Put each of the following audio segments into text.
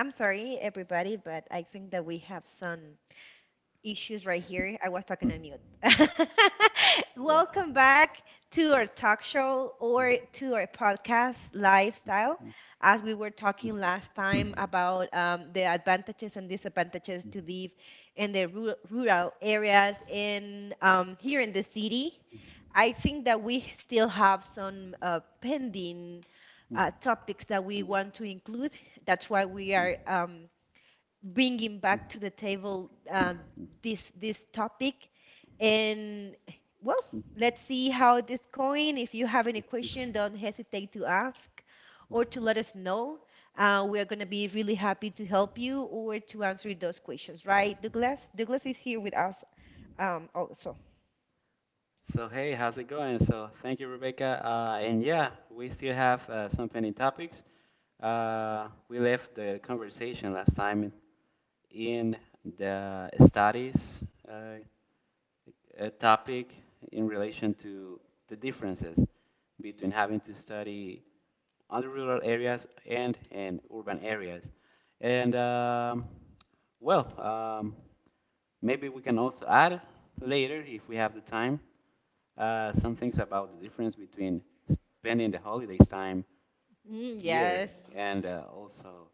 I'm sorry, everybody, but I think that we have some issues right here. I was talking on mute. Yeah. Welcome back to our talk show or to our podcast, Lifestyle. As we were talking last time about the advantages and disadvantages to live in the rural areas in here in the city, I think that we still have some pending Mhm. Topics that we Yeah. want to include. That's why we are bringing back to the table this topic, and well, let's see how this going. If you have any question, don't hesitate to ask or to let us know. We are going to be really happy to help you or to answer those questions, right? Douglas, Douglas is here with us, also. So hey, how's it going? So thank you, Rebecca. And yeah, we still have some pending topics. We left the conversation last time in the studies topic in relation to the differences between having to study on the rural areas and in urban areas. And um, Well, um, Maybe we can also add later, if we have the time, some things about the difference between spending the holidays time here Yes, and also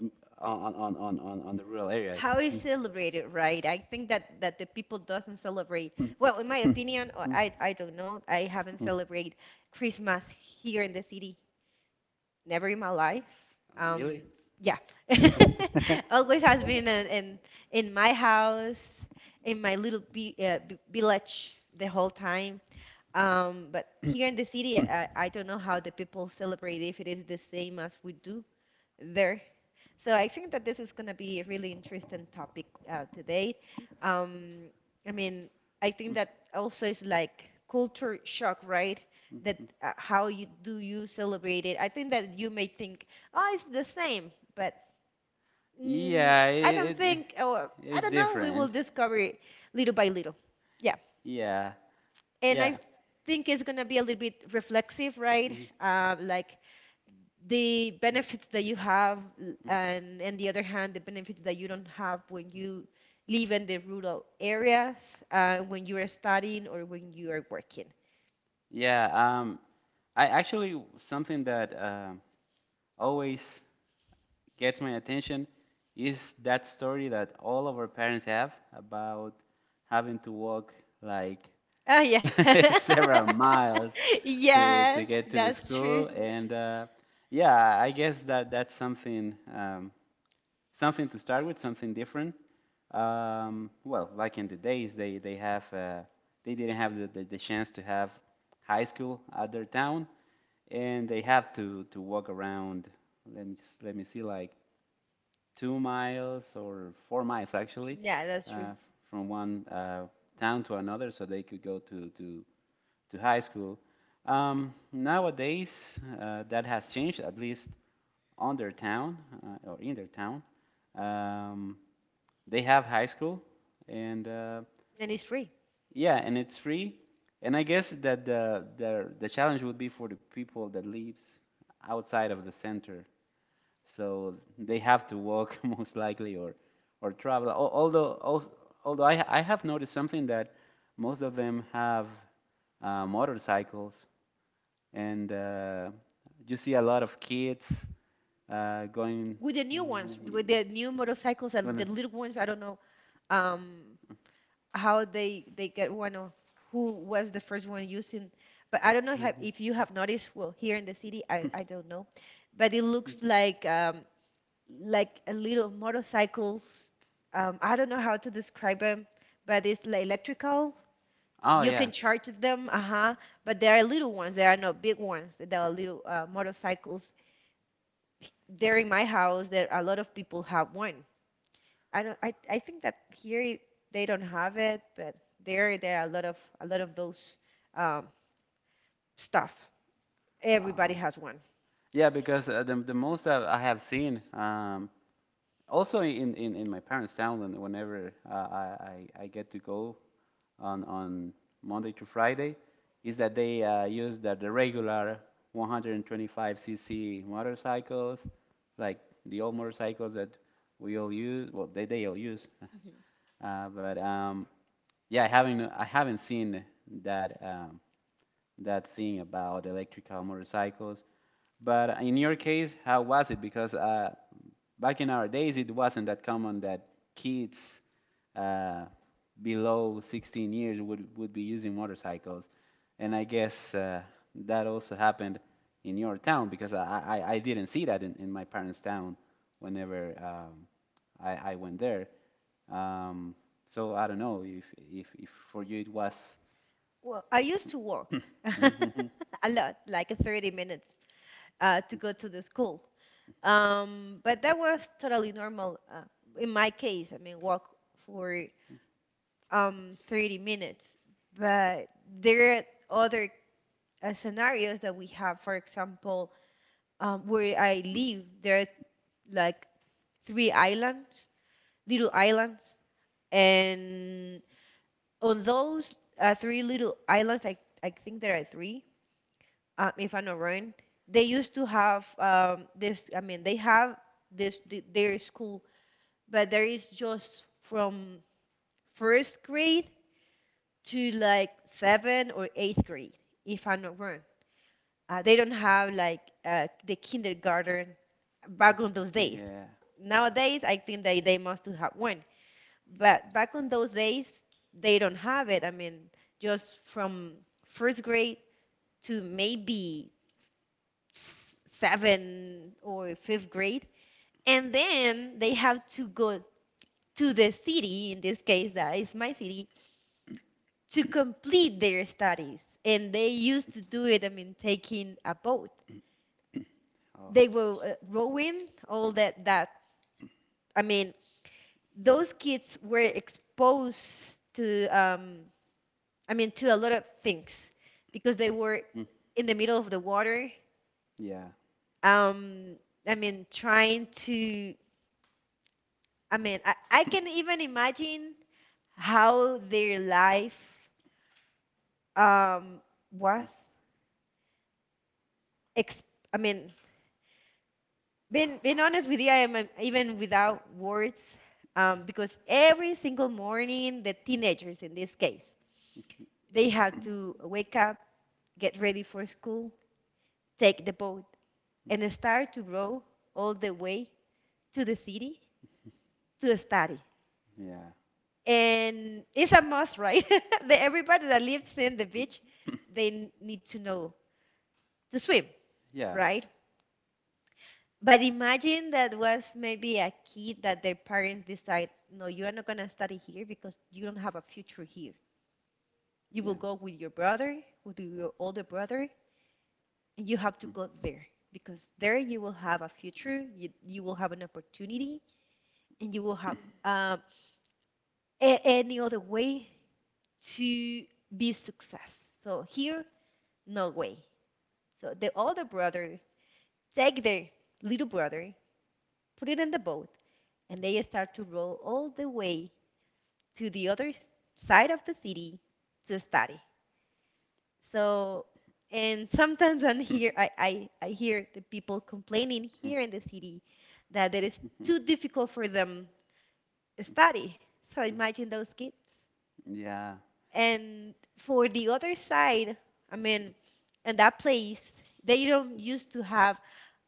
um, on the rural areas. how is Mm. celebrated, right? I think that the people doesn't celebrate. Mm. Well, in my Mm. opinion, or Mm. I don't know, I haven't Mm. celebrated Christmas here in the city never in my life, Oh, um really? yeah. Always has been in in my house, in my little village the whole time, but here in the city I don't know how the people celebrate, if it is the same as we do there. So I think that this is going to be a really interesting topic today. Um, I mean, I think that also is like culture shock, right? Mm, mm, That mm. How you do you celebrate it? I think that you may think, oh, it's the same, but mm, Yeah, I don't it, it, think, or I it's don't know. We will different. discover it little by little. Yeah, Yeah, and yeah, I think it's gonna be a little bit reflexive, right? mhm. Like the benefits that you have and on the other hand the benefits that you don't have when you live in the rural areas when you are studying or when you are working. Yeah. I actually something that always gets my attention is that story that all of our parents have about having to walk like Oh, yeah. several miles to Yes, get to the that's true. school, and yeah, I guess that's something. Something to start with, something different. Well, like in the days, they have they didn't have the chance to have high school at their town, and they have to walk around. Let me just, let me see, like 2 miles or 4 miles actually Yeah, that's true. uh, from one town to another, so they could go to high school. Nowadays, that has changed, at least on their town or in their town. Um, they have high school and And it's free yeah, and it's free, and I guess that the challenge would be for the people that lives outside of the center, so they have to walk most likely or travel. Although I have noticed something that most of them have motorcycles and you see a lot of kids going with the uh, new ones, with the new motorcycles and the when- little ones. I don't know um how they get one or who was the first one using, but I don't know. If you have noticed, well here in the city I don't know, but it looks like a little motorcycles, I don't know how to describe them, but it's like electrical, oh, you yeah. can charge them. Uh-huh. But they are little ones, they are not big ones, they are little motorcycles. There in my house, there a lot of people have one. I don't. I think that here they don't have it, but there are a lot of those um, stuff. Uh, Everybody has one. Yeah, because the most that I have seen, also in, in my parents' town, whenever I get to go on Monday to Friday, is that they use the regular 125cc motorcycles, like the old motorcycles that we all use, well, they all use. Mhm. But yeah, I haven't seen that, um, that thing about electrical motorcycles. But in your case, how was it? Because back in our days, it wasn't that common that kids uh, below 16 years would be using motorcycles. And I guess that also happened in your town, because I didn't see that in my parents' town whenever I went there. Um, so I don't know if, if for you it was. Well, I used to walk Mhm. a lot, like 30 minutes to go to the school. But that was totally normal in my case. I mean, walk for 30 minutes. But there are other scenarios that we have. For example, where I live, there are like three islands, little islands, and on those three little islands, I think there are three, if I'm not wrong. They used to have this. I mean, they have this their school, but there is just from first grade to like seven or eighth grade, if I'm not wrong. They don't have like the kindergarten back on those days. Yeah. Nowadays, I think they must to have one. But back on those days, they don't have it. I mean, just from first grade to maybe seventh or fifth grade. And then they have to go to the city, in this case, that is my city, to complete their studies. And they used to do it, I mean, taking a boat. Oh. They were rowing, all that. I mean, those kids were exposed to I mean, to a lot of things because they were Mm. in the middle of the water. Yeah. Um, I mean, trying to, I mean, I can even imagine how their life um, was. Ex- I mean, being honest with you, I am even without words because every single morning, the teenagers in this case, they had to wake up, get ready for school, take the boat, and start to row all the way to the city to study. Yeah. And it's a must, right? Everybody that lives in the beach, they need to know to swim, Yeah. right? But imagine that was maybe a kid that their parents decide, no, you are not going to study here because you don't have a future here. You will Yeah. go with your brother, with your older brother, and you have to go there because there you will have a future, you will have an opportunity, and you will have um, any other way to be success. So here, no way. So the older brother take the little brother, put it in the boat, and they start to row all the way to the other side of the city to study. So and sometimes I hear I hear the people complaining Mm, here in the city that it is mm, mhm. too difficult for them to study. So imagine those kids. Yeah, And for the other side, I mean, in that place, they don't used to have,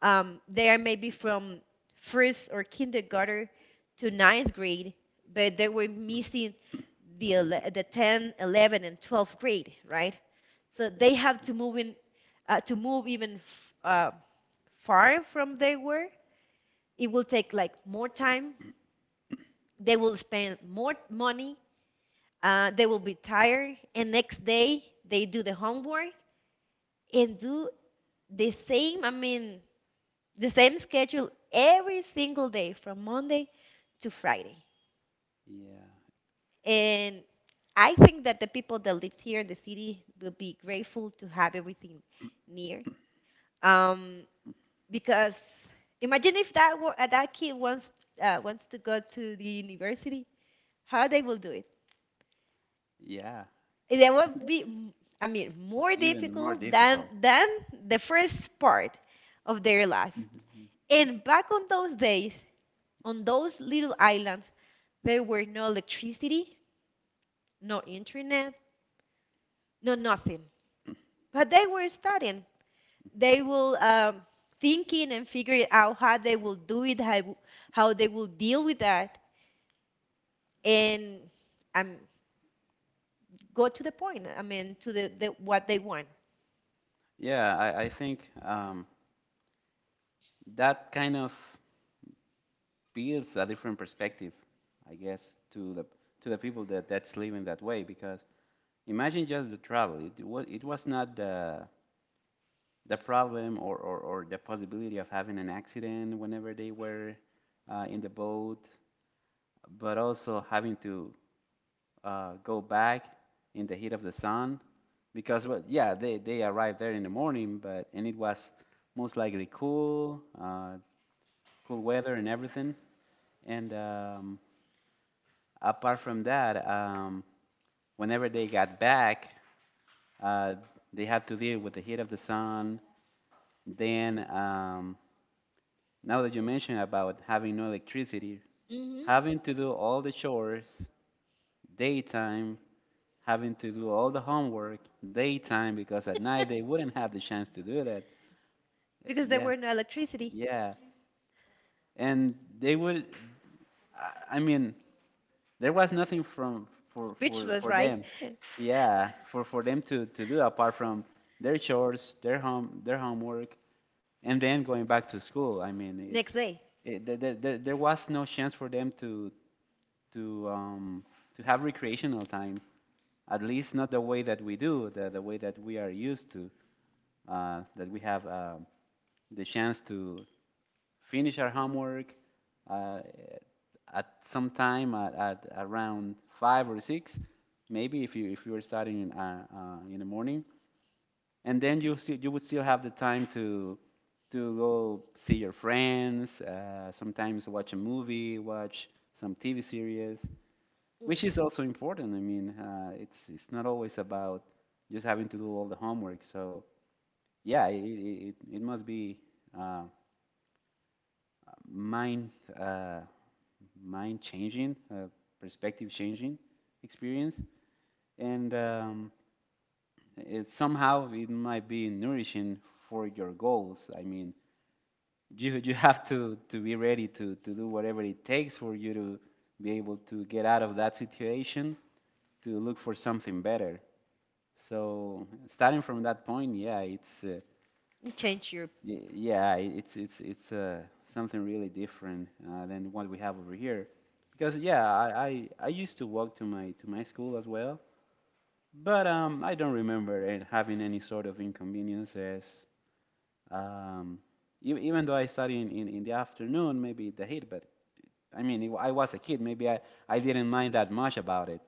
they are maybe from first or kindergarten to ninth grade, but they were missing the, the 10, 11, and 12th grade, right? So they have to move in, to move even far from they were. It will take like more time. They will spend more money, they will be tired, and next day they do the homework and do the same, I mean, the same schedule every single day from Monday to Friday. yeah, eh, And I think that the people that live here in the city will be grateful to have everything near. Um, because imagine if that that kid wants wants to go to the university, how they will do. yeah. That would be, I mean, more Even more difficult difficult. than the first part of their life. Mhm, And back on those days, on those little islands, there were no electricity, no internet, no nothing. But they were studying. They mhm. will thinking and figuring out how they will do it, how they will deal with that, and um, go to the point. I mean, to the what they want. Yeah, I think that kind of builds a different perspective, I guess, to the people that that's living that way. Because imagine just the travel. It was, it was not the problem or the possibility of having an accident whenever they were in the boat, but also having to go back in the heat of the sun, because well, yeah, they arrived there in the morning, but and it was most likely cool cool weather and everything, and apart from that, whenever they got back, uh, they had to deal with the heat of the sun. Then now that you mentioned about having no electricity, Hmm. having to do all the chores daytime, having to do all the homework daytime, because at night they wouldn't have the chance to do that. Because there Yeah, were no electricity. yeah, and they would. I mean, there was nothing from for for Speechless, for right? them, yeah, for them to do apart from their chores, their home, their homework, and then going back to school. I mean, Next day, it there, there was no chance for them to um, to have recreational time, at least not the way that we do, the way that we are used to, that we have the chance to finish our homework uh, at some time at around five or six, maybe if you were starting in the morning, and then you see, you would still have the time to go see your friends, sometimes watch a movie, watch some TV series, mm, which is also important. I mean, it's, not always about just having to do all the homework. So yeah, it must be uh, mind uh, mind changing, perspective changing experience, and it somehow it might be nourishing for your goals. I mean, you have to be ready to do whatever it takes for you to be able to get out of that situation, to look for something better. So starting from that point, yeah, it's change your. Y- Yeah, I- it's something really different than what we have over here. Because yeah, I used to walk to my school as well, but I don't remember it having any sort of inconveniences. Um, Even though I study in, in the afternoon, maybe the heat, but I mean, I was a kid, maybe I didn't mind that much about it.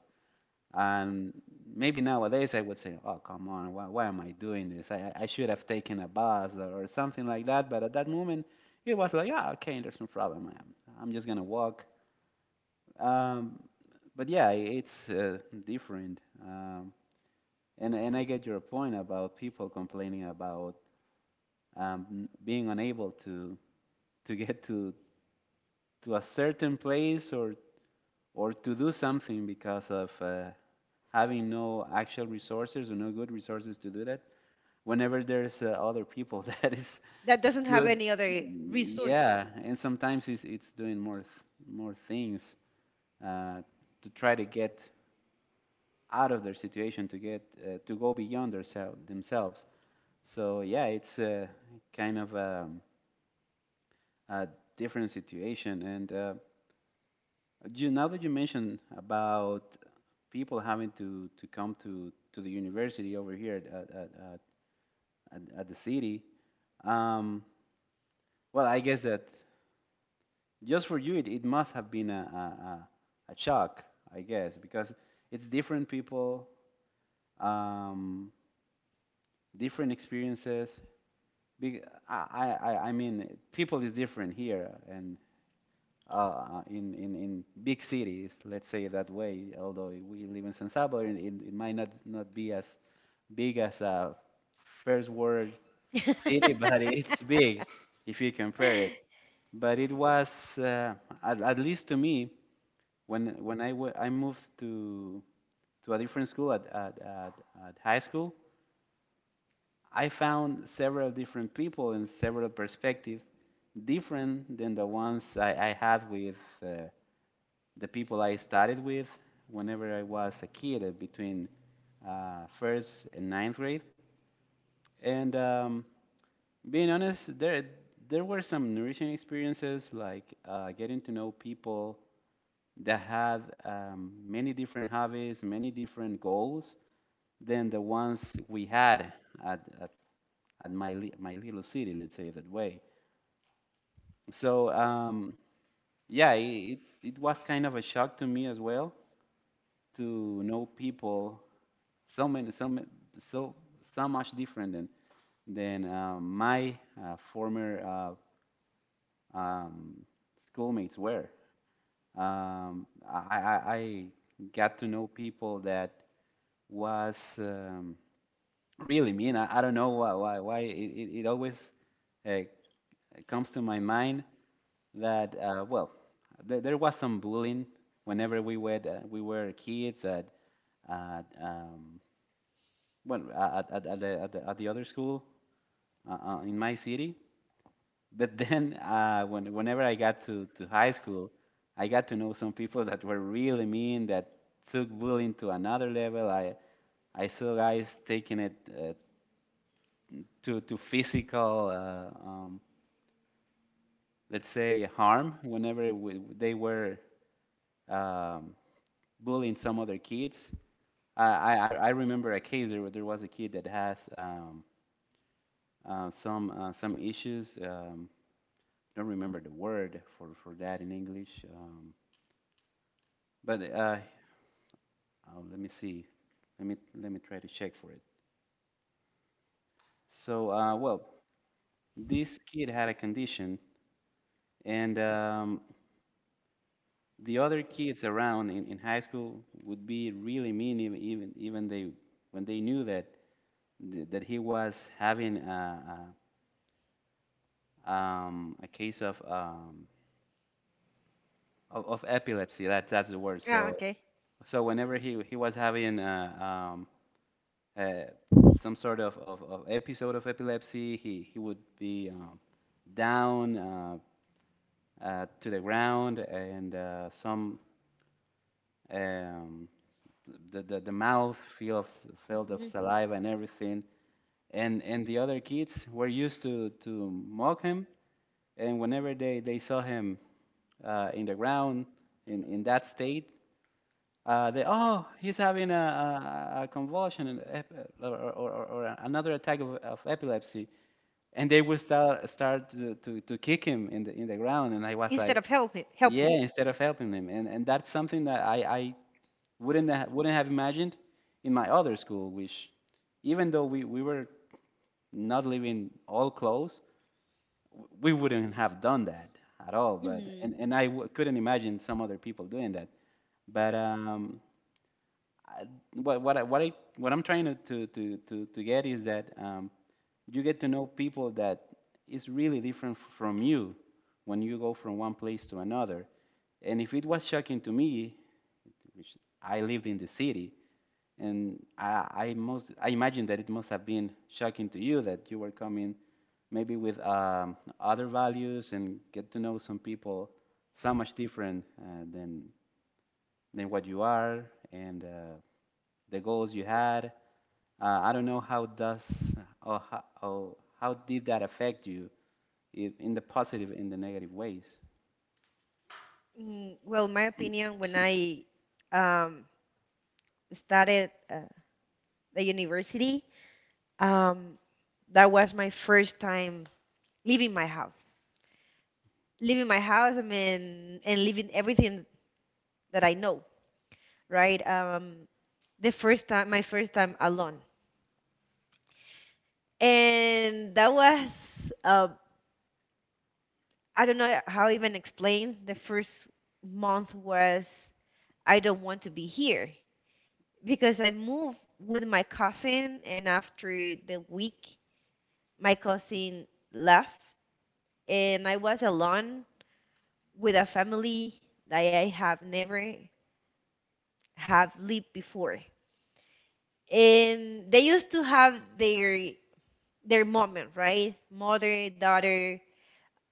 And maybe nowadays I would say, oh, come on, why am I doing this? I should have taken a bus or something like that. But at that moment, it was like, ah, oh, okay, there's no problem. I'm just going to walk. Um, but yeah, it's different. And I get your point about people complaining about being unable to, get to a certain place, or to do something because of having no actual resources or no good resources to do that. Whenever there's other people that is That doesn't have good, any other resource. yeah, and sometimes it's doing more more things uh, to try to get out of their situation, to get to go beyond themselves. So yeah, it's kind of a different situation, and you, now that you mentioned about people having to come to the university over here at the city, um, well, I guess that just for you, it must have been a shock, I guess, because it's different people, um, different experiences. Big, I mean, people is different here, and in big cities, let's say that way, although we live in San Salvador, it might not, not be as big as a first world city, but it's big if you compare it. But it was, at least to me, when I moved to a different school at high school, I found several different people and several perspectives different than the ones I had with uh, the people I studied with whenever I was a kid between first and ninth grade. And being honest, there were some nourishing experiences, like getting to know people that had many different hobbies, many different goals than the ones we had at, at my, my little city, let's say it that way. So, yeah, it was kind of a shock to me as well to know people so many, so, so much different than my former uh, um, schoolmates were. I got to know people that was really mean. I don't know why, why it, it always uh, comes to my mind that there was some bullying whenever we were kids at at um, at the, at the other school in my city. But then, whenever I got to high school, I got to know some people that were really mean, that took bullying to another level. I saw guys taking it to physical, let's say, harm, whenever they were um, bullying some other kids. I remember a case where there was a kid that has some issues. Don't remember the word for that in English. But Let me see. Let me try to check for it. So this kid had a condition, and the other kids around in high school would be really mean, even they when they knew that he was having a, case of, of epilepsy. That that's the word. Ah, So okay. so whenever he was having a uh, some sort of episode of epilepsy. He would be down to the ground, and some um, the mouth filled of Mhm. saliva and everything. And the other kids were used to mock him, and whenever they saw him in the ground in that state, they "Oh, he's having a convulsion, or another attack of epilepsy," and they would start to kick him in the ground. And I was Instead like, of help him, help yeah, him. instead of helping him. And that's something that I wouldn't have imagined in my other school, which even though we were not living all close, we wouldn't have done that at all. but Mhm. and and I couldn't imagine some other people doing that. But um I, what I'm trying to get is that you get to know people that is really different from you when you go from one place to another. And if it was shocking to me, which I lived in the city, and I imagine that it must have been shocking to you, that you were coming maybe with other values and get to know some people so much different than what you are, and. The goals you had. I don't know how does or how did that affect you in the positive, in the negative ways. Well, my opinion, when I um, started the university, um, that was my first time leaving my house. Leaving my house, I mean, and leaving everything that I know, right? The first time, my first time alone. And that was I don't know how I even explain. The first month was I don't want to be here because I moved with my cousin, and after the week my cousin left, and I was alone with a family that I have never have lived before, and they used to have their moment, right? Mother, daughter,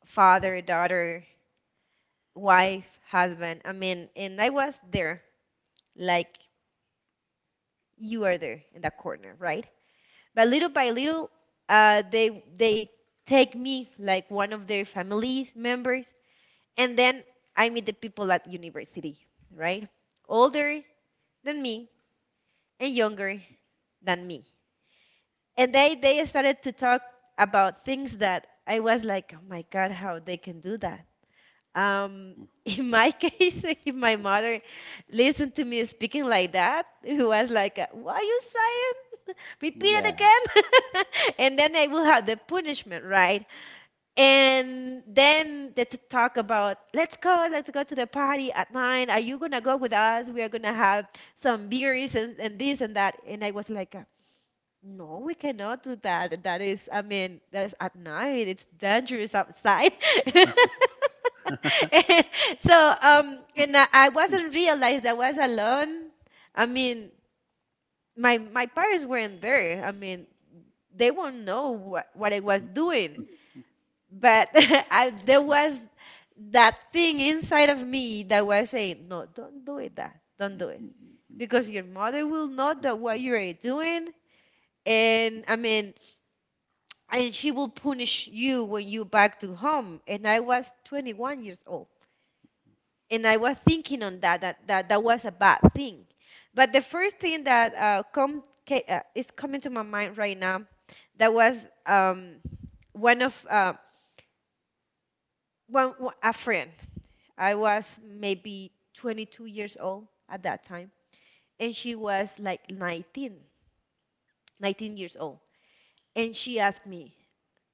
father, daughter, wife, husband. I mean, and I was there, like you are there in that corner, right? But little by little, they take me like one of their family members, and then I meet the people at university, right? Older than me and younger than me, and they started to talk about things that I was like, oh my god, how they can do that? Um, Mm. in my case, if my mother listened to me speaking like that, it was like, "What are you saying? Repeat it Yeah. again," and then I will have the punishment, right? And then they to talk about, let's go to the party at nine. Are you gonna go with us? We are gonna have some beers and this and that." And I was like, no, we cannot do that. That is, I mean, that is at night. It's dangerous outside. So, and I wasn't realized I was alone. I mean, my parents weren't there. I mean, they won't know what I was doing. But I, there was that thing inside of me that was saying, no, don't do it that. Don't do it. Because your mother will know that what you're doing. And I mean, and she will punish you when you back to home. And I was 21 years old and I was thinking on that that was a bad thing. But the first thing that is coming to my mind right now, that was um, one of one a friend. I was maybe 22 years old at that time, and she was like 19 years old, and she asked me,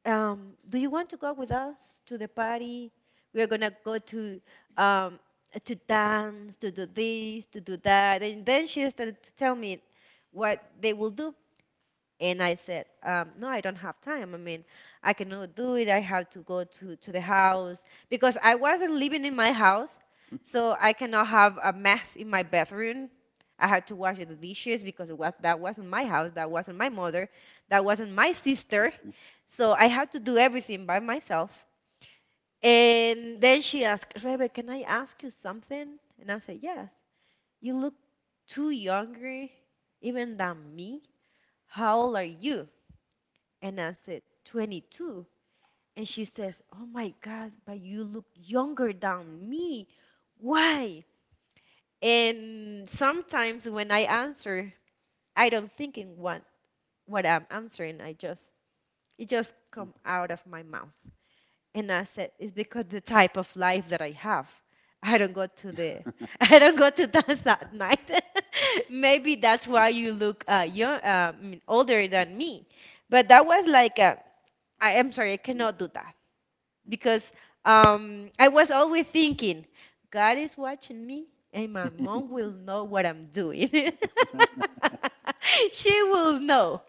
"Do you want to go with us to the party? We are gonna go um, to dance, to do this, to do that." And then she started to tell me what they will do. And I said, no, I don't have time. I mean, I cannot do it. I have to go to the house because I wasn't living in my house. So I cannot have a mess in my bathroom. I had to wash the dishes because it was, that wasn't my house. That wasn't my mother. That wasn't my sister. So I had to do everything by myself. And then she asked, "Rebe, can I ask you something?" And I said, "Yes." "You look too younger even than me. How old are you?" And I said, "22." And she says, "Oh my God, but you look younger than me. Why?" And sometimes when I answer, I don't think in what I'm answering. I just, it just come out of my mouth. And I said, "It's because the type of life that I have. I don't go to the, I don't go to dance at night. Maybe that's why you look young, I mean, older than me." But that was like, a, I am sorry, I cannot do that. Because I was always thinking, God is watching me, and my mom will know what I'm doing. she will know.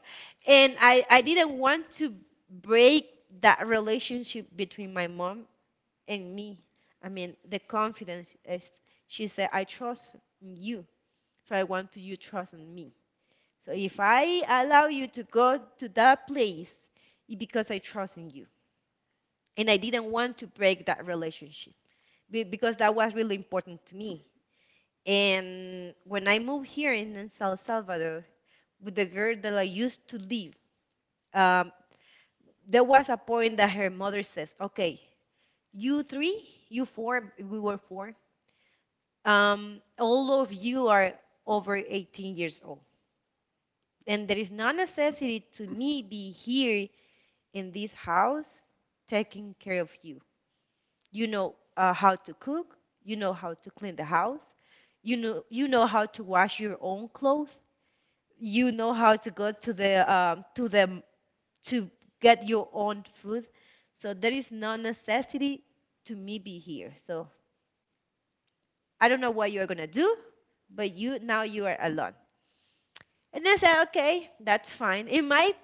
And I didn't want to break that relationship between my mom and me. I mean, the confidence is, she said, "I trust in you, so I want you to trust in me. So if I allow you to go to that place, it's because I trust in you." And I didn't want to break that relationship because that was really important to me. And when I moved here in San Salvador with the girl that I used to live, um, there was a point that her mother says, "Okay, you three, you four," we were four. "All of you are over 18 years old, and there is no necessity to me be here in this house taking care of you. You know how to cook. You know how to clean the house. You know how to wash your own clothes. You know how to go to the to the to get your own food. So there is no necessity to me be here. So I don't know what you're gonna do, but you now you are alone." And I said, "Okay, that's fine." In my,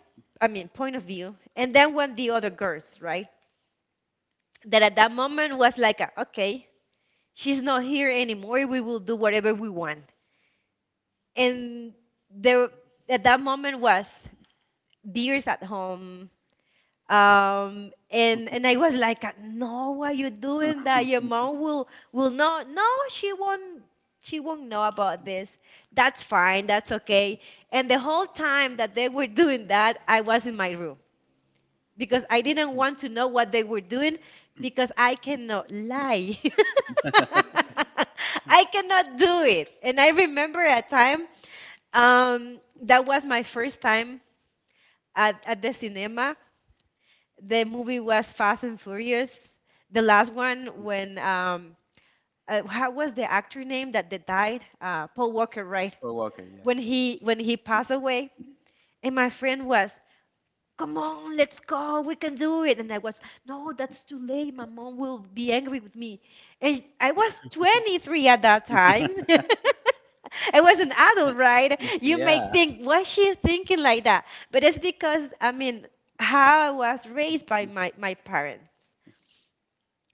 I mean, point of view. And then when the other girls, right? That at that moment was like, a, okay, she's not here anymore, we will do whatever we want. And there at that moment was beers at home, and I was like, "No, why you doing that? Your mom will not she won't know about this." "That's fine, that's okay." And the whole time that they were doing that, I was in my room because I didn't want to know what they were doing, because I cannot lie. I cannot do it. And I remember a time that was my first time at the cinema. The movie was Fast and Furious. The last one when what was the actor name that they died? Paul Walker, right? Paul Walker, yeah. When he passed away, and my friend was, "Come on, let's go, we can do it." And I was, "No, that's too late. My mom will be angry with me." And I was 23 at that time. I was an adult, right? You may think, "Why she thinking like that?" But it's because, I mean, how I was raised by my parents,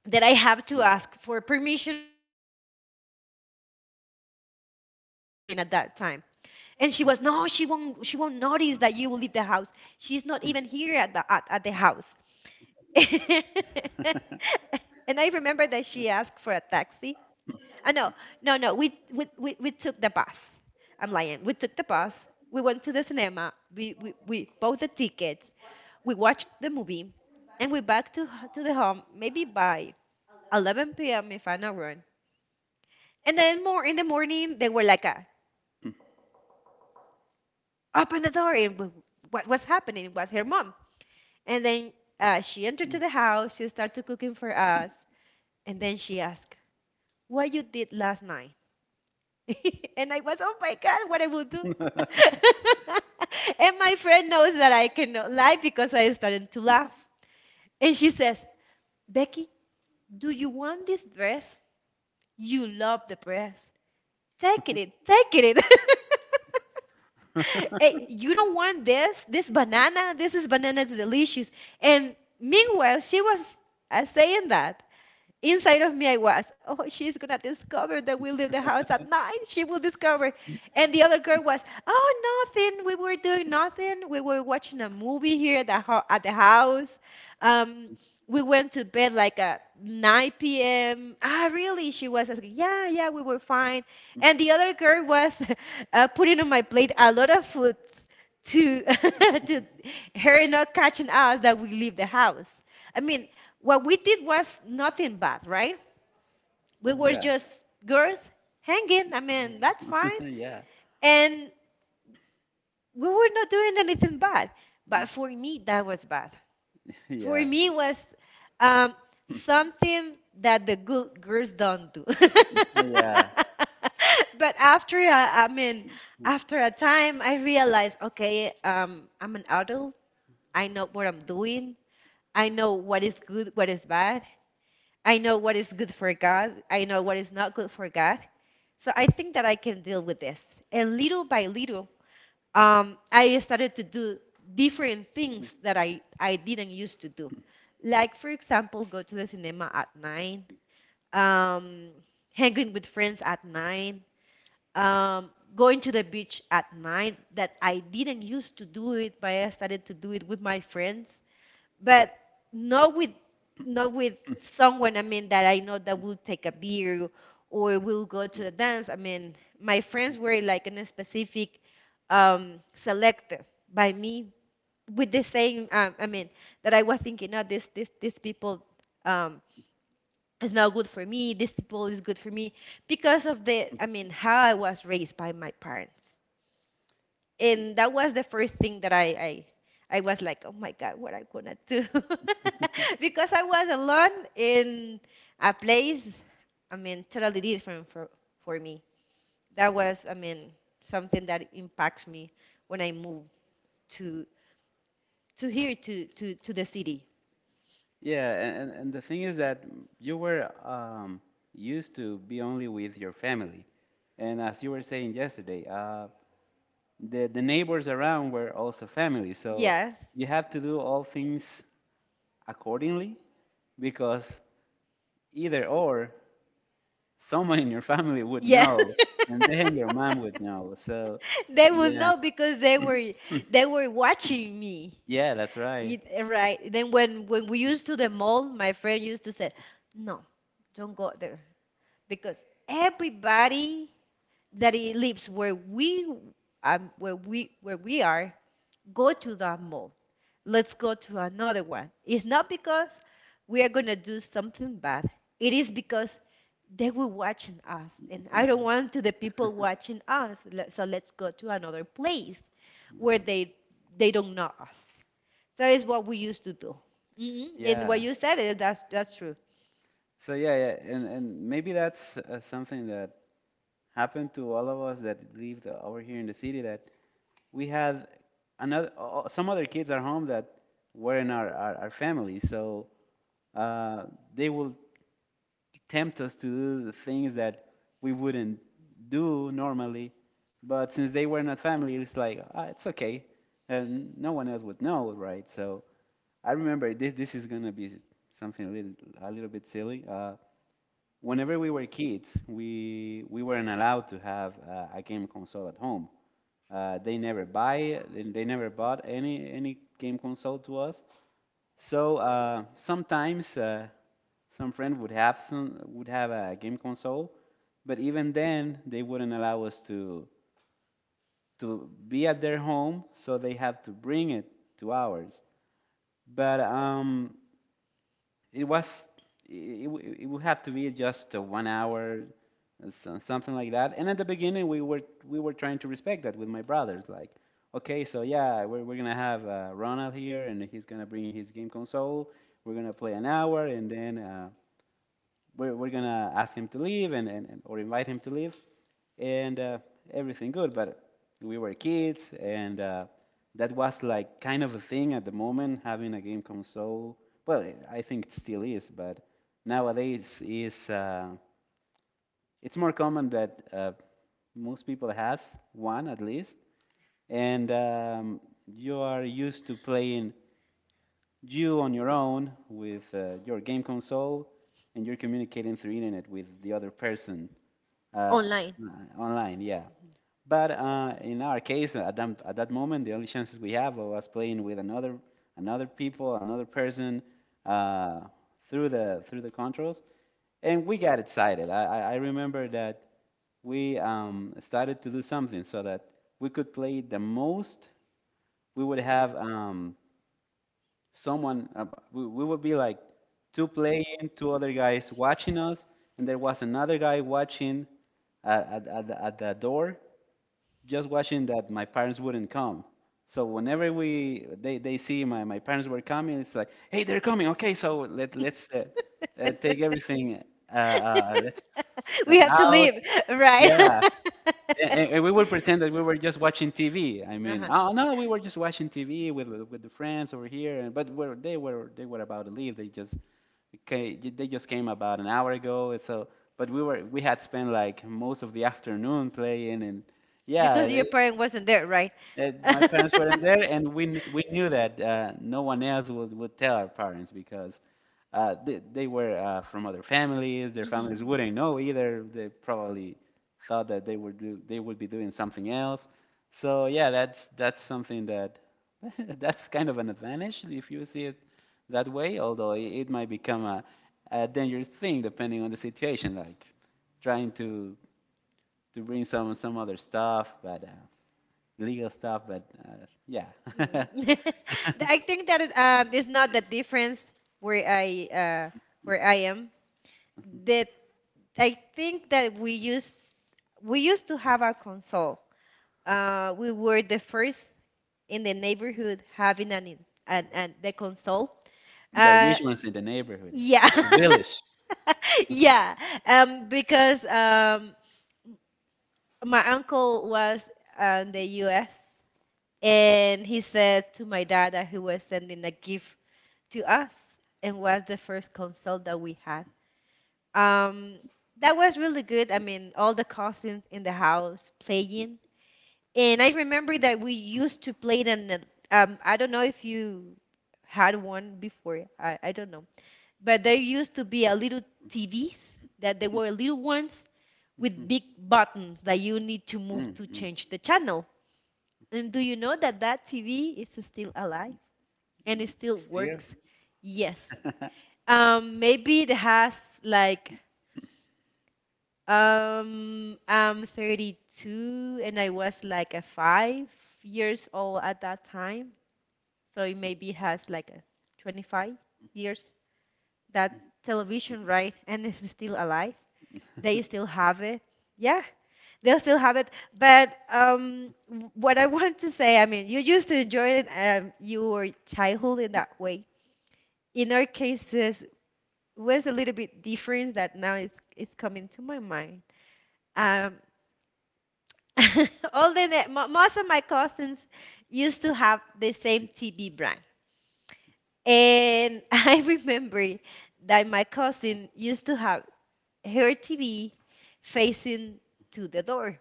that I have to ask for permission for everything at that time. And she was, "No, she won't notice that you will leave the house. She's not even here at the house." and I remember that she asked for a taxi. No, no, no. We took the bus. I'm lying. We took the bus. We went to the cinema. We bought the tickets. We watched the movie. And we back to the home maybe by 11 p.m. if I'm not wrong. And then more in the morning, they were like, "Open the door." And what was happening was her mom. And then she entered to the house. She started cooking for us. And then she asked, "What you did last night?" and I was, "Oh my God, what I will do." Yeah. and my friend knows that I cannot lie because I started to laugh. And she says, "Becky, do you want this dress? You love the dress. Take it, take it. hey, you don't want this? This banana? This is banana is delicious." And meanwhile, she was saying that. Inside of me, I was, "Oh, she's gonna discover that we leave the house at nine. She will discover." And the other girl was, "Oh, nothing. We were doing nothing. We were watching a movie here at the, at the house. Um, we went to bed like at 9 p.m." "Ah, really?" she was asking. "Yeah, yeah, we were fine." Mm. And the other girl was putting on my plate a lot of food to to her not catching us that we leave the house. I mean, what we did was nothing bad, right? We were Yeah. just girls hanging. I mean, that's fine. Yeah. And we were not doing anything bad. Mm. But for me, that was bad. For Yeah. me, was um, Mm. something that the good girls don't do. Yeah. but after, I mean, Mm. after a time, I realized, okay, I'm an adult. I know what I'm doing. I know what is good, what is bad. I know what is good for God. I know what is not good for God. So I think that I can deal with this. And little by little, I started to do different Mhm. things that I didn't used to do. Like, for example, go to the cinema at 9, um, hanging with friends at 9, going to the beach at 9, that I didn't used to do it, but I started to do it with my friends. But not with someone, I mean, that I know that will take a beer or will go to a dance. I mean, my friends were like in a specific selected by me with the same I mean, that I was thinking, "Oh, this these people um is not good for me, these people is good for me," because of the, I mean, how I was raised by my parents. And that was the first thing that I was like, "Oh my God, what I'm gonna do," because I was alone in a place, I mean, totally different for me. That was, I mean, something that impacts me when I move to to here to the city. Yeah, and the thing is that you were used to be only with your family. And as you were saying yesterday, the neighbors around were also family. So Yes, you have to do all things accordingly, because either or someone in your family would yes. know, and then your mom would know. So, they will yeah, know because they were they were watching me. yeah, that's right. It, eh, right. Then when we used to the mall, my friend used to say, "No, don't go there because everybody that lives where we where we are go to that mall. Let's go to another one. It's not because we are gonna do something bad. It is because they were watching us, and I don't Mhm. want to the people watching us. So let's go to another place where they don't know us." That is what we used to do. Hmm. And what Yeah. you said is that's true. So yeah, yeah, and maybe that's something that happened to all of us that lived over here in the city, that we had some other kids at home that were in our family, so uh, they will tempt us to do the things that we wouldn't do normally. But since they were not family, it's like, ah, it's okay, and no one else would know, right? So I remember this. This is gonna be something a little bit silly. Whenever we were kids, we weren't allowed to have a game console at home. They never bought any game console to us. So sometimes some friend would have a game console, but even then they wouldn't allow us to be at their home, so they have to bring it to ours. But it was it would have to be just a 1 hour something like that. And at the beginning we were trying to respect that with my brothers, like, okay, so yeah, we're gonna have Ronald here, and he's gonna bring his game console. We're gonna play an hour and then we're gonna ask him to leave, and or invite him to leave, and everything good. But we were kids, and that was like kind of a thing at the moment, having a game console. Well, I think it still is, but nowadays is it's more common that most people has one, at least, and you are used to playing you on your own with your game console, and you're communicating through internet with the other person uh, Online. uh, online, yeah. But in our case, at that moment, the only chances we have are us playing with another person uh, through the controls, and we got excited. I remember that we started to do something so that we could play the most. We would have someone uh, we would be like two playing, two other guys watching us, and there was another guy watching at the door, just watching that my parents wouldn't come. So whenever they see my parents were coming, it's like, hey, they're coming, okay, so let's take everything let's uh, We have to out, leave, right? yeah. A- and we would pretend that we were just watching TV. I mean, Uh-huh. oh no, we were just watching TV with the friends over here, and but were, they were they were about to leave. They just came about an hour ago, and so, but we had spent like most of the afternoon playing, and yeah, Because your parent wasn't there, right? My parents weren't there, and we knew that no one else would tell our parents, because they were from other families. Their hmm. families wouldn't know either. They probably thought that they would be doing something else. So yeah, that's something that, that's kind of an advantage if you see it that way. Although it might become a dangerous thing depending on the situation, like trying to bring some other stuff, but. Legal stuff, but yeah. Mm. I think that it, is not the difference where I uh, where I am. That I think that we used to have a console. We were the first in the neighborhood having an, an the console. The Uh, rich ones in the neighborhood, yeah. in the village. Yeah. Because my uncle was in the US, and he said to my dad that he was sending a gift to us, and was the first console that we had. Um, that was really good. I mean, all the cousins in the house playing. And I remember that we used to play it on the, I don't know if you had one before. I don't know. But there used to be a little TVs that they were little ones with big buttons that you need to Mhm, move mhm, to mhm. change the channel. And do you know that that TV is still alive and it And still still, works? Yes. Maybe it has like I'm 32, and I was like a 5 years old at that time, so it maybe has like a 25 years that television, right? And it's still alive. They still have it. Yeah, they'll still have it. But what I want to say, I mean, you used to enjoy it, your childhood in that way. In our cases, was a little bit different that now it's coming to my mind. Um, all the ne- mo- most of my cousins used to have the same TV brand, and I remember that my cousin used to have her TV facing to the door,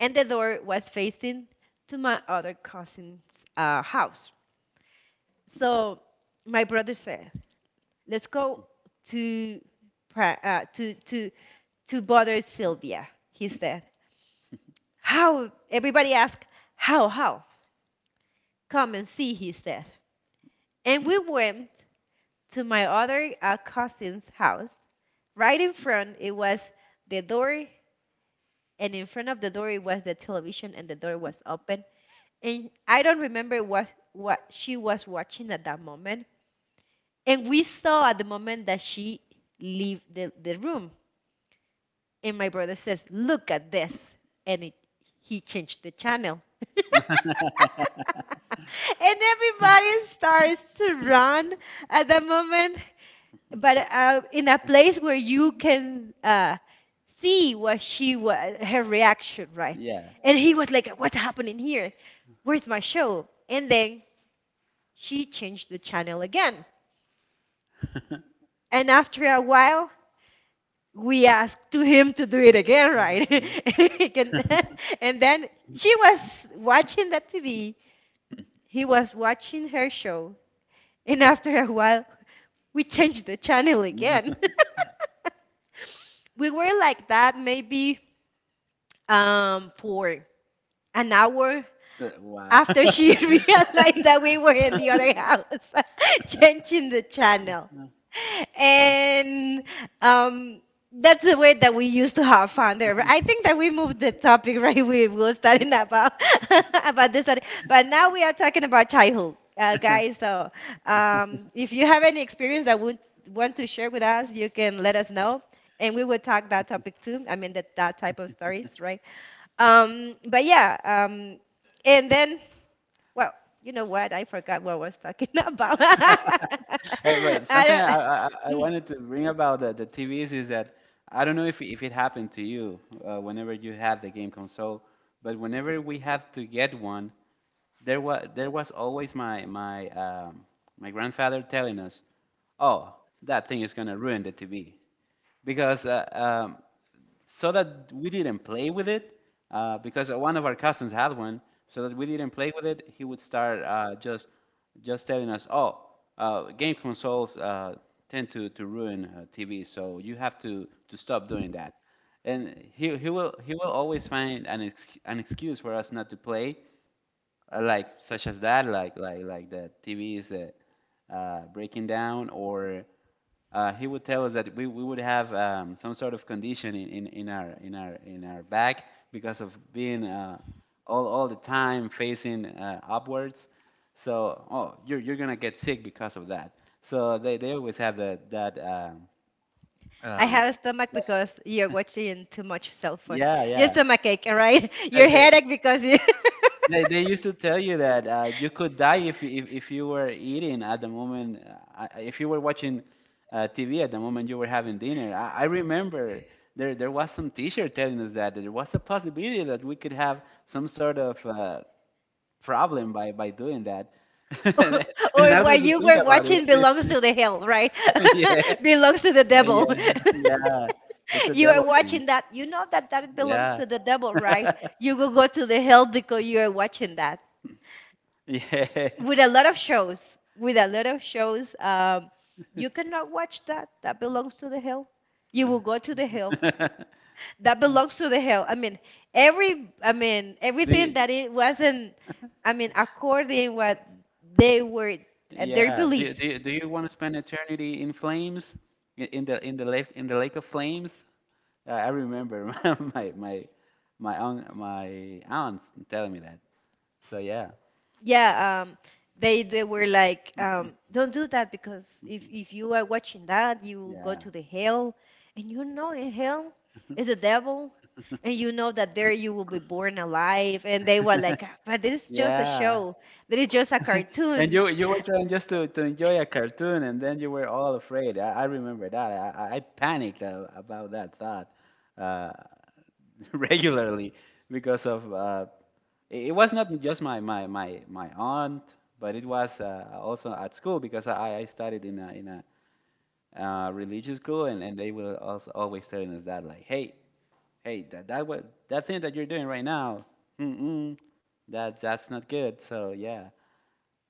and the door was facing to my other cousin's house. So my brother said, "Let's go to uh, to to to bother Sylvia." He said, "How?" Everybody asked, "How? How?" "Come and see," he said. And we went to my other cousin's house. Right in front, it was the door, and in front of the door, it was the television, and the door was open. And I don't remember what she was watching at that moment. And we saw at the moment that she leave the room. And my brother says, "Look at this," and he changed the channel. And everybody starts to run at that moment, but in a place where you can see what she was, her reaction, right? yeah. And he was like, "What's happening here? Where's my show?" And then she changed the channel again. And after a while, we asked to him to do it again, right? and, and then she was watching the TV. He was watching her show. And after a while, we changed the channel again. We were like that maybe for an hour. Wow. After she realized that we were in the other house, changing the channel. And um, that's the way that we used to have fun there. But I think that we moved the topic, right. We were starting about about this, but now we are talking about childhood, guys. So if you have any experience that would want to share with us, you can let us know, and we will talk that topic too. I mean that type of stories, right? But yeah, and then, well, you know what? I forgot what I was talking about. I Hey, but something I, don't. I, I I Mm. wanted to bring about the TVs is that I don't know if it happened to you whenever you have the game console, but whenever we have to get one, there was always my grandfather telling us, "Oh, that thing is gonna ruin the TV," because so that we didn't play with it, because one of our cousins had one, so that we didn't play with it, he would start just telling us, "Oh, game consoles tend to ruin TV, so you have to stop doing that." And he will always find an excuse for us not to play, like, such as that, like the TV is breaking down, or he would tell us that we would have some sort of condition in our back because of being all the time facing upwards. So, oh, you're gonna get sick because of that. So they always have that, I um, have a stomach because you're watching too much cell phone. yeah, Your yeah. stomach ache, all right? Your They, they, headache because you. they used to tell you that you could die if, if you were eating at the moment, if you were watching TV at the moment you were having dinner. I remember there was some teacher telling us that there was a possibility that we could have some sort of problem by doing that. And Or now that what you you think were about it, watching it's belongs to the hell, right? yeah, Belongs to the devil. yeah, yeah, it's a You are devil thing. watching that. You know that that belongs Yeah, to the devil, right? You will go to the hell because you are watching yeah. with a lot of shows, with a lot of shows, you cannot watch that. That belongs to the hill. You will go to the hill. That belongs to the hill. I mean, every, I mean, Do everything you? that it wasn't, I mean, according what they were, their Yeah. Do you, beliefs. do you, do you want to spend eternity in flames? In the lake of flames? I remember, my my my my aunt telling me that. So yeah. Yeah, they were like, don't do that, because if you are watching that, you will go Yeah. to the hell. And you know, in hell is the devil, and you know that there you will be born alive. And they were like, "Ah, but this is just a Yeah. show, this is just a And cartoon you were trying just to enjoy a cartoon and then you were all afraid. I remember that. I panicked about that thought, uh, regularly, because of it was not just my aunt, but it was also at school, because I studied in a religious school, and, they were also always telling us that, like, hey, hey, that that what that thing that you're doing right now, mm-mm, that's not good. So yeah,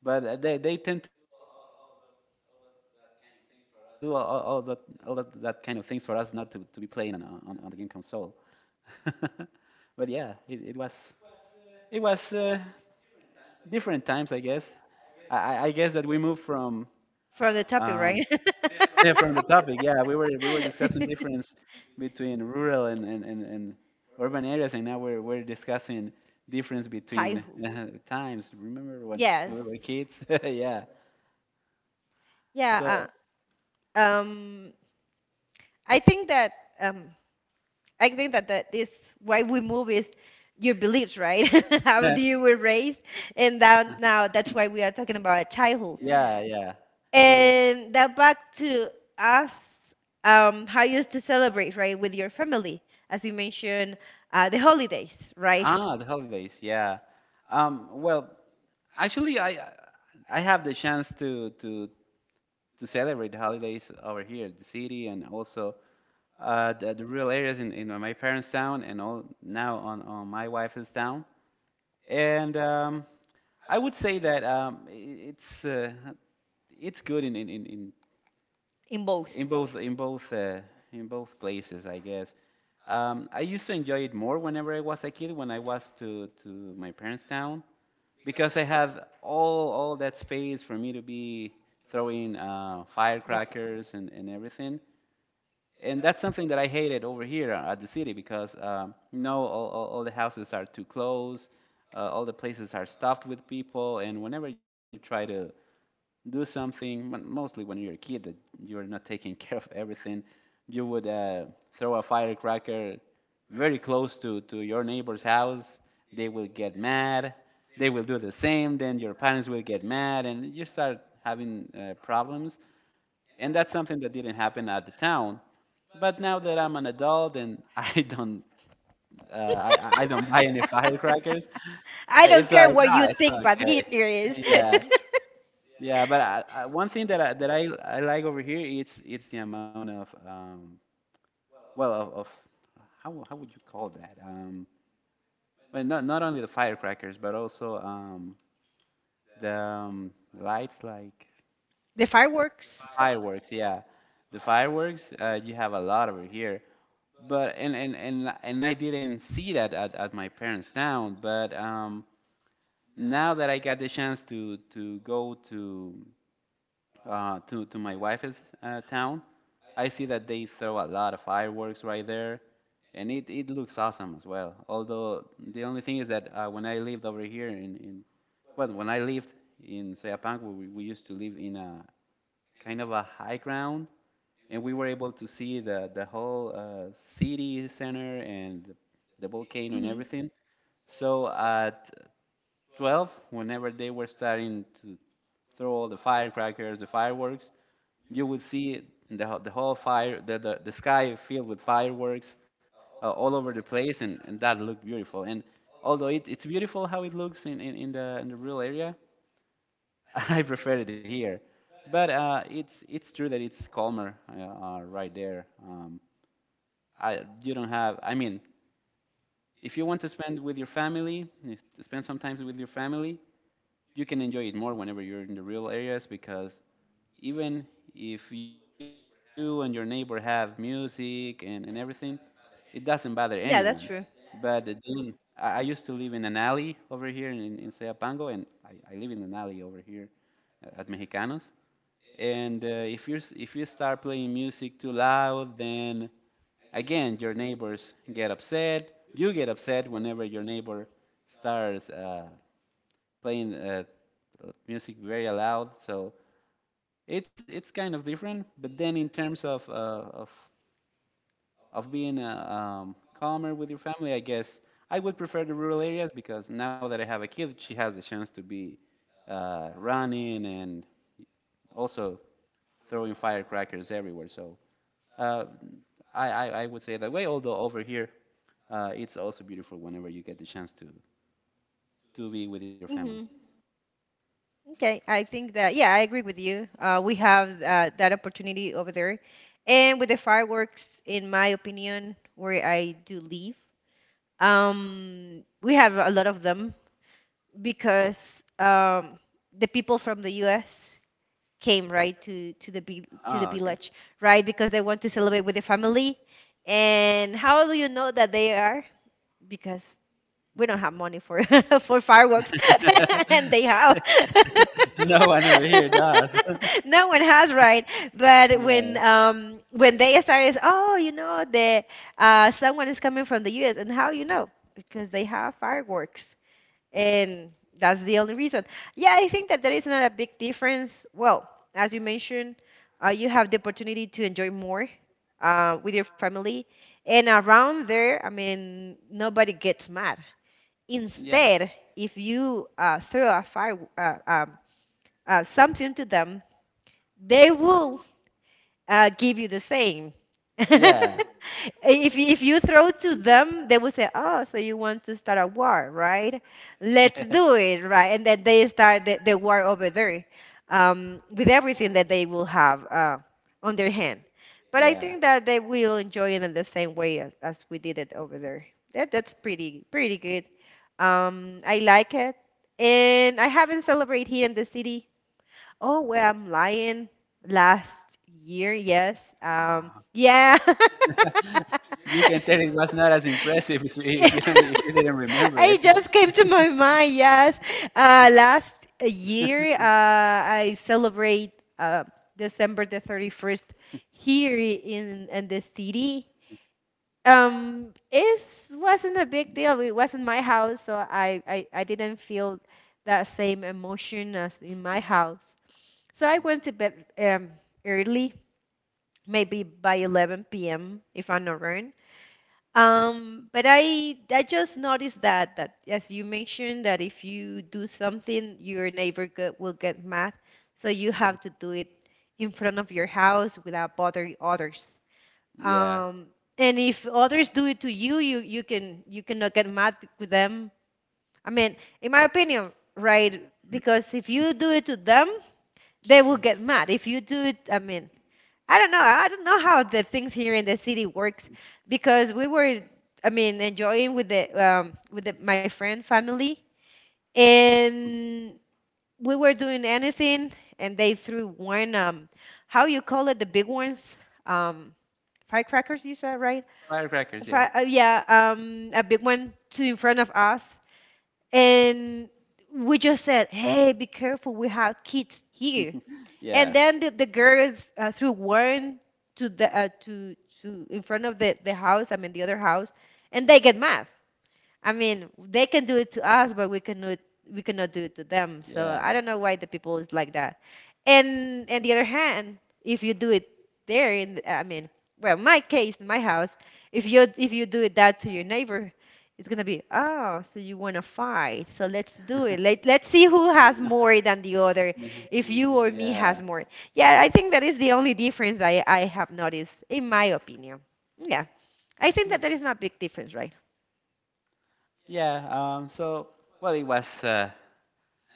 but they tend to do all that kind of things for us not to be playing on the game console. But yeah, it was different times, I guess. I guess that we moved from from the um, topic, right? yeah, from the topic. Yeah, we were discussing difference between rural and urban areas, and now we're discussing difference between Childhood. Times. Remember when we were Yes, kids? Yeah. yeah. So uh, um i think that um I think that that is why we move is your beliefs, right? How do you were raised, and that now that's why we are talking about childhood. yeah, yeah. We were- And that back to us, how you used to celebrate, right, with your family, as you mentioned, the holidays, right, Ah, the holidays. Yeah. Um, well, actually, I have the chance to celebrate the holidays over here at the city, and also the rural areas in my parents' town and all, now on my wife's town. And I would say that it's good in both. in both in both in both places, I guess. I used to enjoy it more whenever I was a kid, when I was to my parents' town, because I had all that space for me to be throwing The fi- firecrackers and everything. And that's something that I hated over here at the city because all the houses are too close, all the places are stuffed with people, and whenever you try to do something, mostly when you're a kid, that you're not taking care of everything, you would throw a firecracker very close to your neighbor's house. They will get mad. They will do the same. Then your parents will get mad, and you start having problems, and that's something that didn't happen at the town. But now that I'm an adult and I don't buy any firecrackers. I It's don't care like what you it's think, but here it okay. is. Yeah, yeah. But one thing that I like over here, it's the amount of well of, of how how would you call that, not not only the firecrackers but also the lights, like The fireworks. the fireworks. Yeah, the fireworks, you have a lot over here, but and I didn't see that at my parents' town. But now that I got the chance to go to my wife's town, I see that they throw a lot of fireworks right there, and it looks awesome as well. Although the only thing is that when I lived over here in well when I lived in Soyapango, we used to live in a kind of a high ground, and we were able to see the whole city center and the volcano and Hmm. everything. So at 12, whenever they were starting to throw all the firecrackers, the fireworks, you would see the, the whole fire, the sky filled with fireworks all over the place, and that looked beautiful. And although it, it's beautiful how it looks in the rural area, I prefer it here, but it's true that it's calmer right there. I you don't have. I mean, if you want to spend with your family, if, to spend some time with your family, you can enjoy it more whenever you're in the rural areas, because even if you and your neighbor have music and everything, it doesn't bother anyone. Yeah, that's true. But then I used to live in an alley over here in Soyapango, and I live in an alley over here at Mexicanos. And if you start playing music too loud, then again your neighbors get upset. You get upset whenever your neighbor starts playing music very loud. So it's kind of different. But then in terms of of being calmer with your family, I guess I would prefer the rural areas because now that I have a kid, she has the chance to be running and also throwing firecrackers everywhere. So uh, I would say that way. Although over here, it's also beautiful whenever you get the chance to be with your family. Mm-hmm. Okay, I think that, yeah, I agree with you. We have that opportunity over there. And with the fireworks, in my opinion, where I do live, we have a lot of them because the people from the US came, right, to the Ah, okay. village, right, because they want to celebrate with the family. And how do you know that they are? Because we don't have money for for fireworks and they have No one over here does. no one has, right? But Yeah, when they started, oh, you know, the someone is coming from the US. And how you know? Because they have fireworks, and that's the only reason. Yeah, I think that there is not a big difference. Well, as you mentioned, you have the opportunity to enjoy more with your family and around there. I mean, nobody gets mad. yeah, Instead, if you throw a fire something to them, they will give you the same. yeah, If if you throw to them, they will say, "Oh, so you want to start a war, right? Let's do it, right?" And then they start the war over there, with everything that they will have on their hand. But I yeah. think that they will enjoy it in the same way as we did it over there. That's pretty pretty good. I like it, and I haven't celebrated here in the city. Oh, where I'm lying. Last year, yes. Ah. Yeah. You can tell it was not as impressive if you, if you, don't, if you didn't remember I it. just came to my mind. Yes. Last year, I celebrate uh, December the 31st here in the city. It wasn't a big deal. It wasn't my house, so I didn't feel that same emotion as in my house. So I went to bed early, maybe by 11 p.m. if I'm not wrong. But I just noticed that, as you mentioned, that if you do something, your neighbor will get mad, so you have to do it in front of your house without bothering others. Yeah, Um, and if others do it to you, you you can you cannot get mad with them. I mean, in my opinion, right? Because if you do it to them, they will get mad. If you do it, I mean, I don't know. I don't know how the things here in the city works because we were, I mean, enjoying with the my friend family, and we were doing anything, and they threw one how you call it, the big ones, um, firecrackers. You said, right? firecrackers. Yeah, Yeah, a big one to in front of us, and we just said, "Hey, be careful, we have kids here," and yeah, then the girls threw Warren to the to in front of the house. I mean the other house, and they get mad. I mean, they can do it to us, but we cannot do it to them. So I yeah, don't know why the people is like that. And on the other hand, if you do it there I mean, well, my case, in my house, if you do it that to your neighbor, it's gonna be, "Oh, so you wanna fight? So let's do it. Let's see who has more than the other. If you or me yeah. has more." Yeah, I think that is the only difference I have noticed, in my opinion. Yeah, I think that Yeah. there is not a big difference, right? So, it was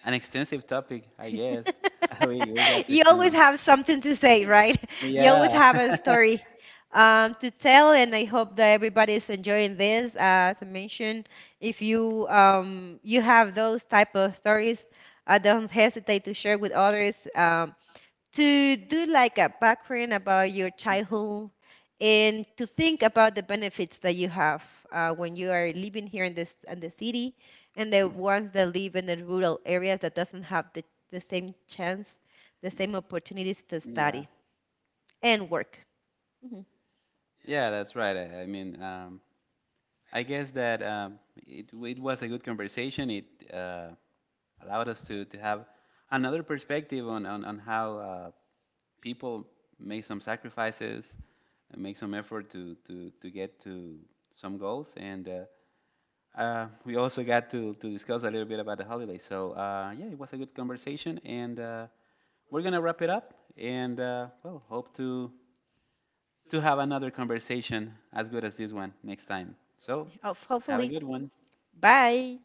an extensive topic, I guess. We got to You extend. always have something to say, right? You always Yeah. have a story to tell, and I hope that everybody is enjoying this. As I mentioned, if you have those type of stories, don't hesitate to share with others. To do like a background about your childhood, and to think about the benefits that you have when you are living here in this in the city, and the ones that live in the rural areas that doesn't have the same chance, the same opportunities to Yeah, study and work. Mhm. yeah, that's right. I guess that it it was a good conversation. It uh, allowed us to have another perspective on how people make some sacrifices and make some effort to get to some goals. And we also got to discuss a little bit about the holiday. So, yeah, it was a good conversation, and we're gonna wrap it up. And well, hope to have another conversation as good as this one next time. So, have a Hopefully, good one. bye.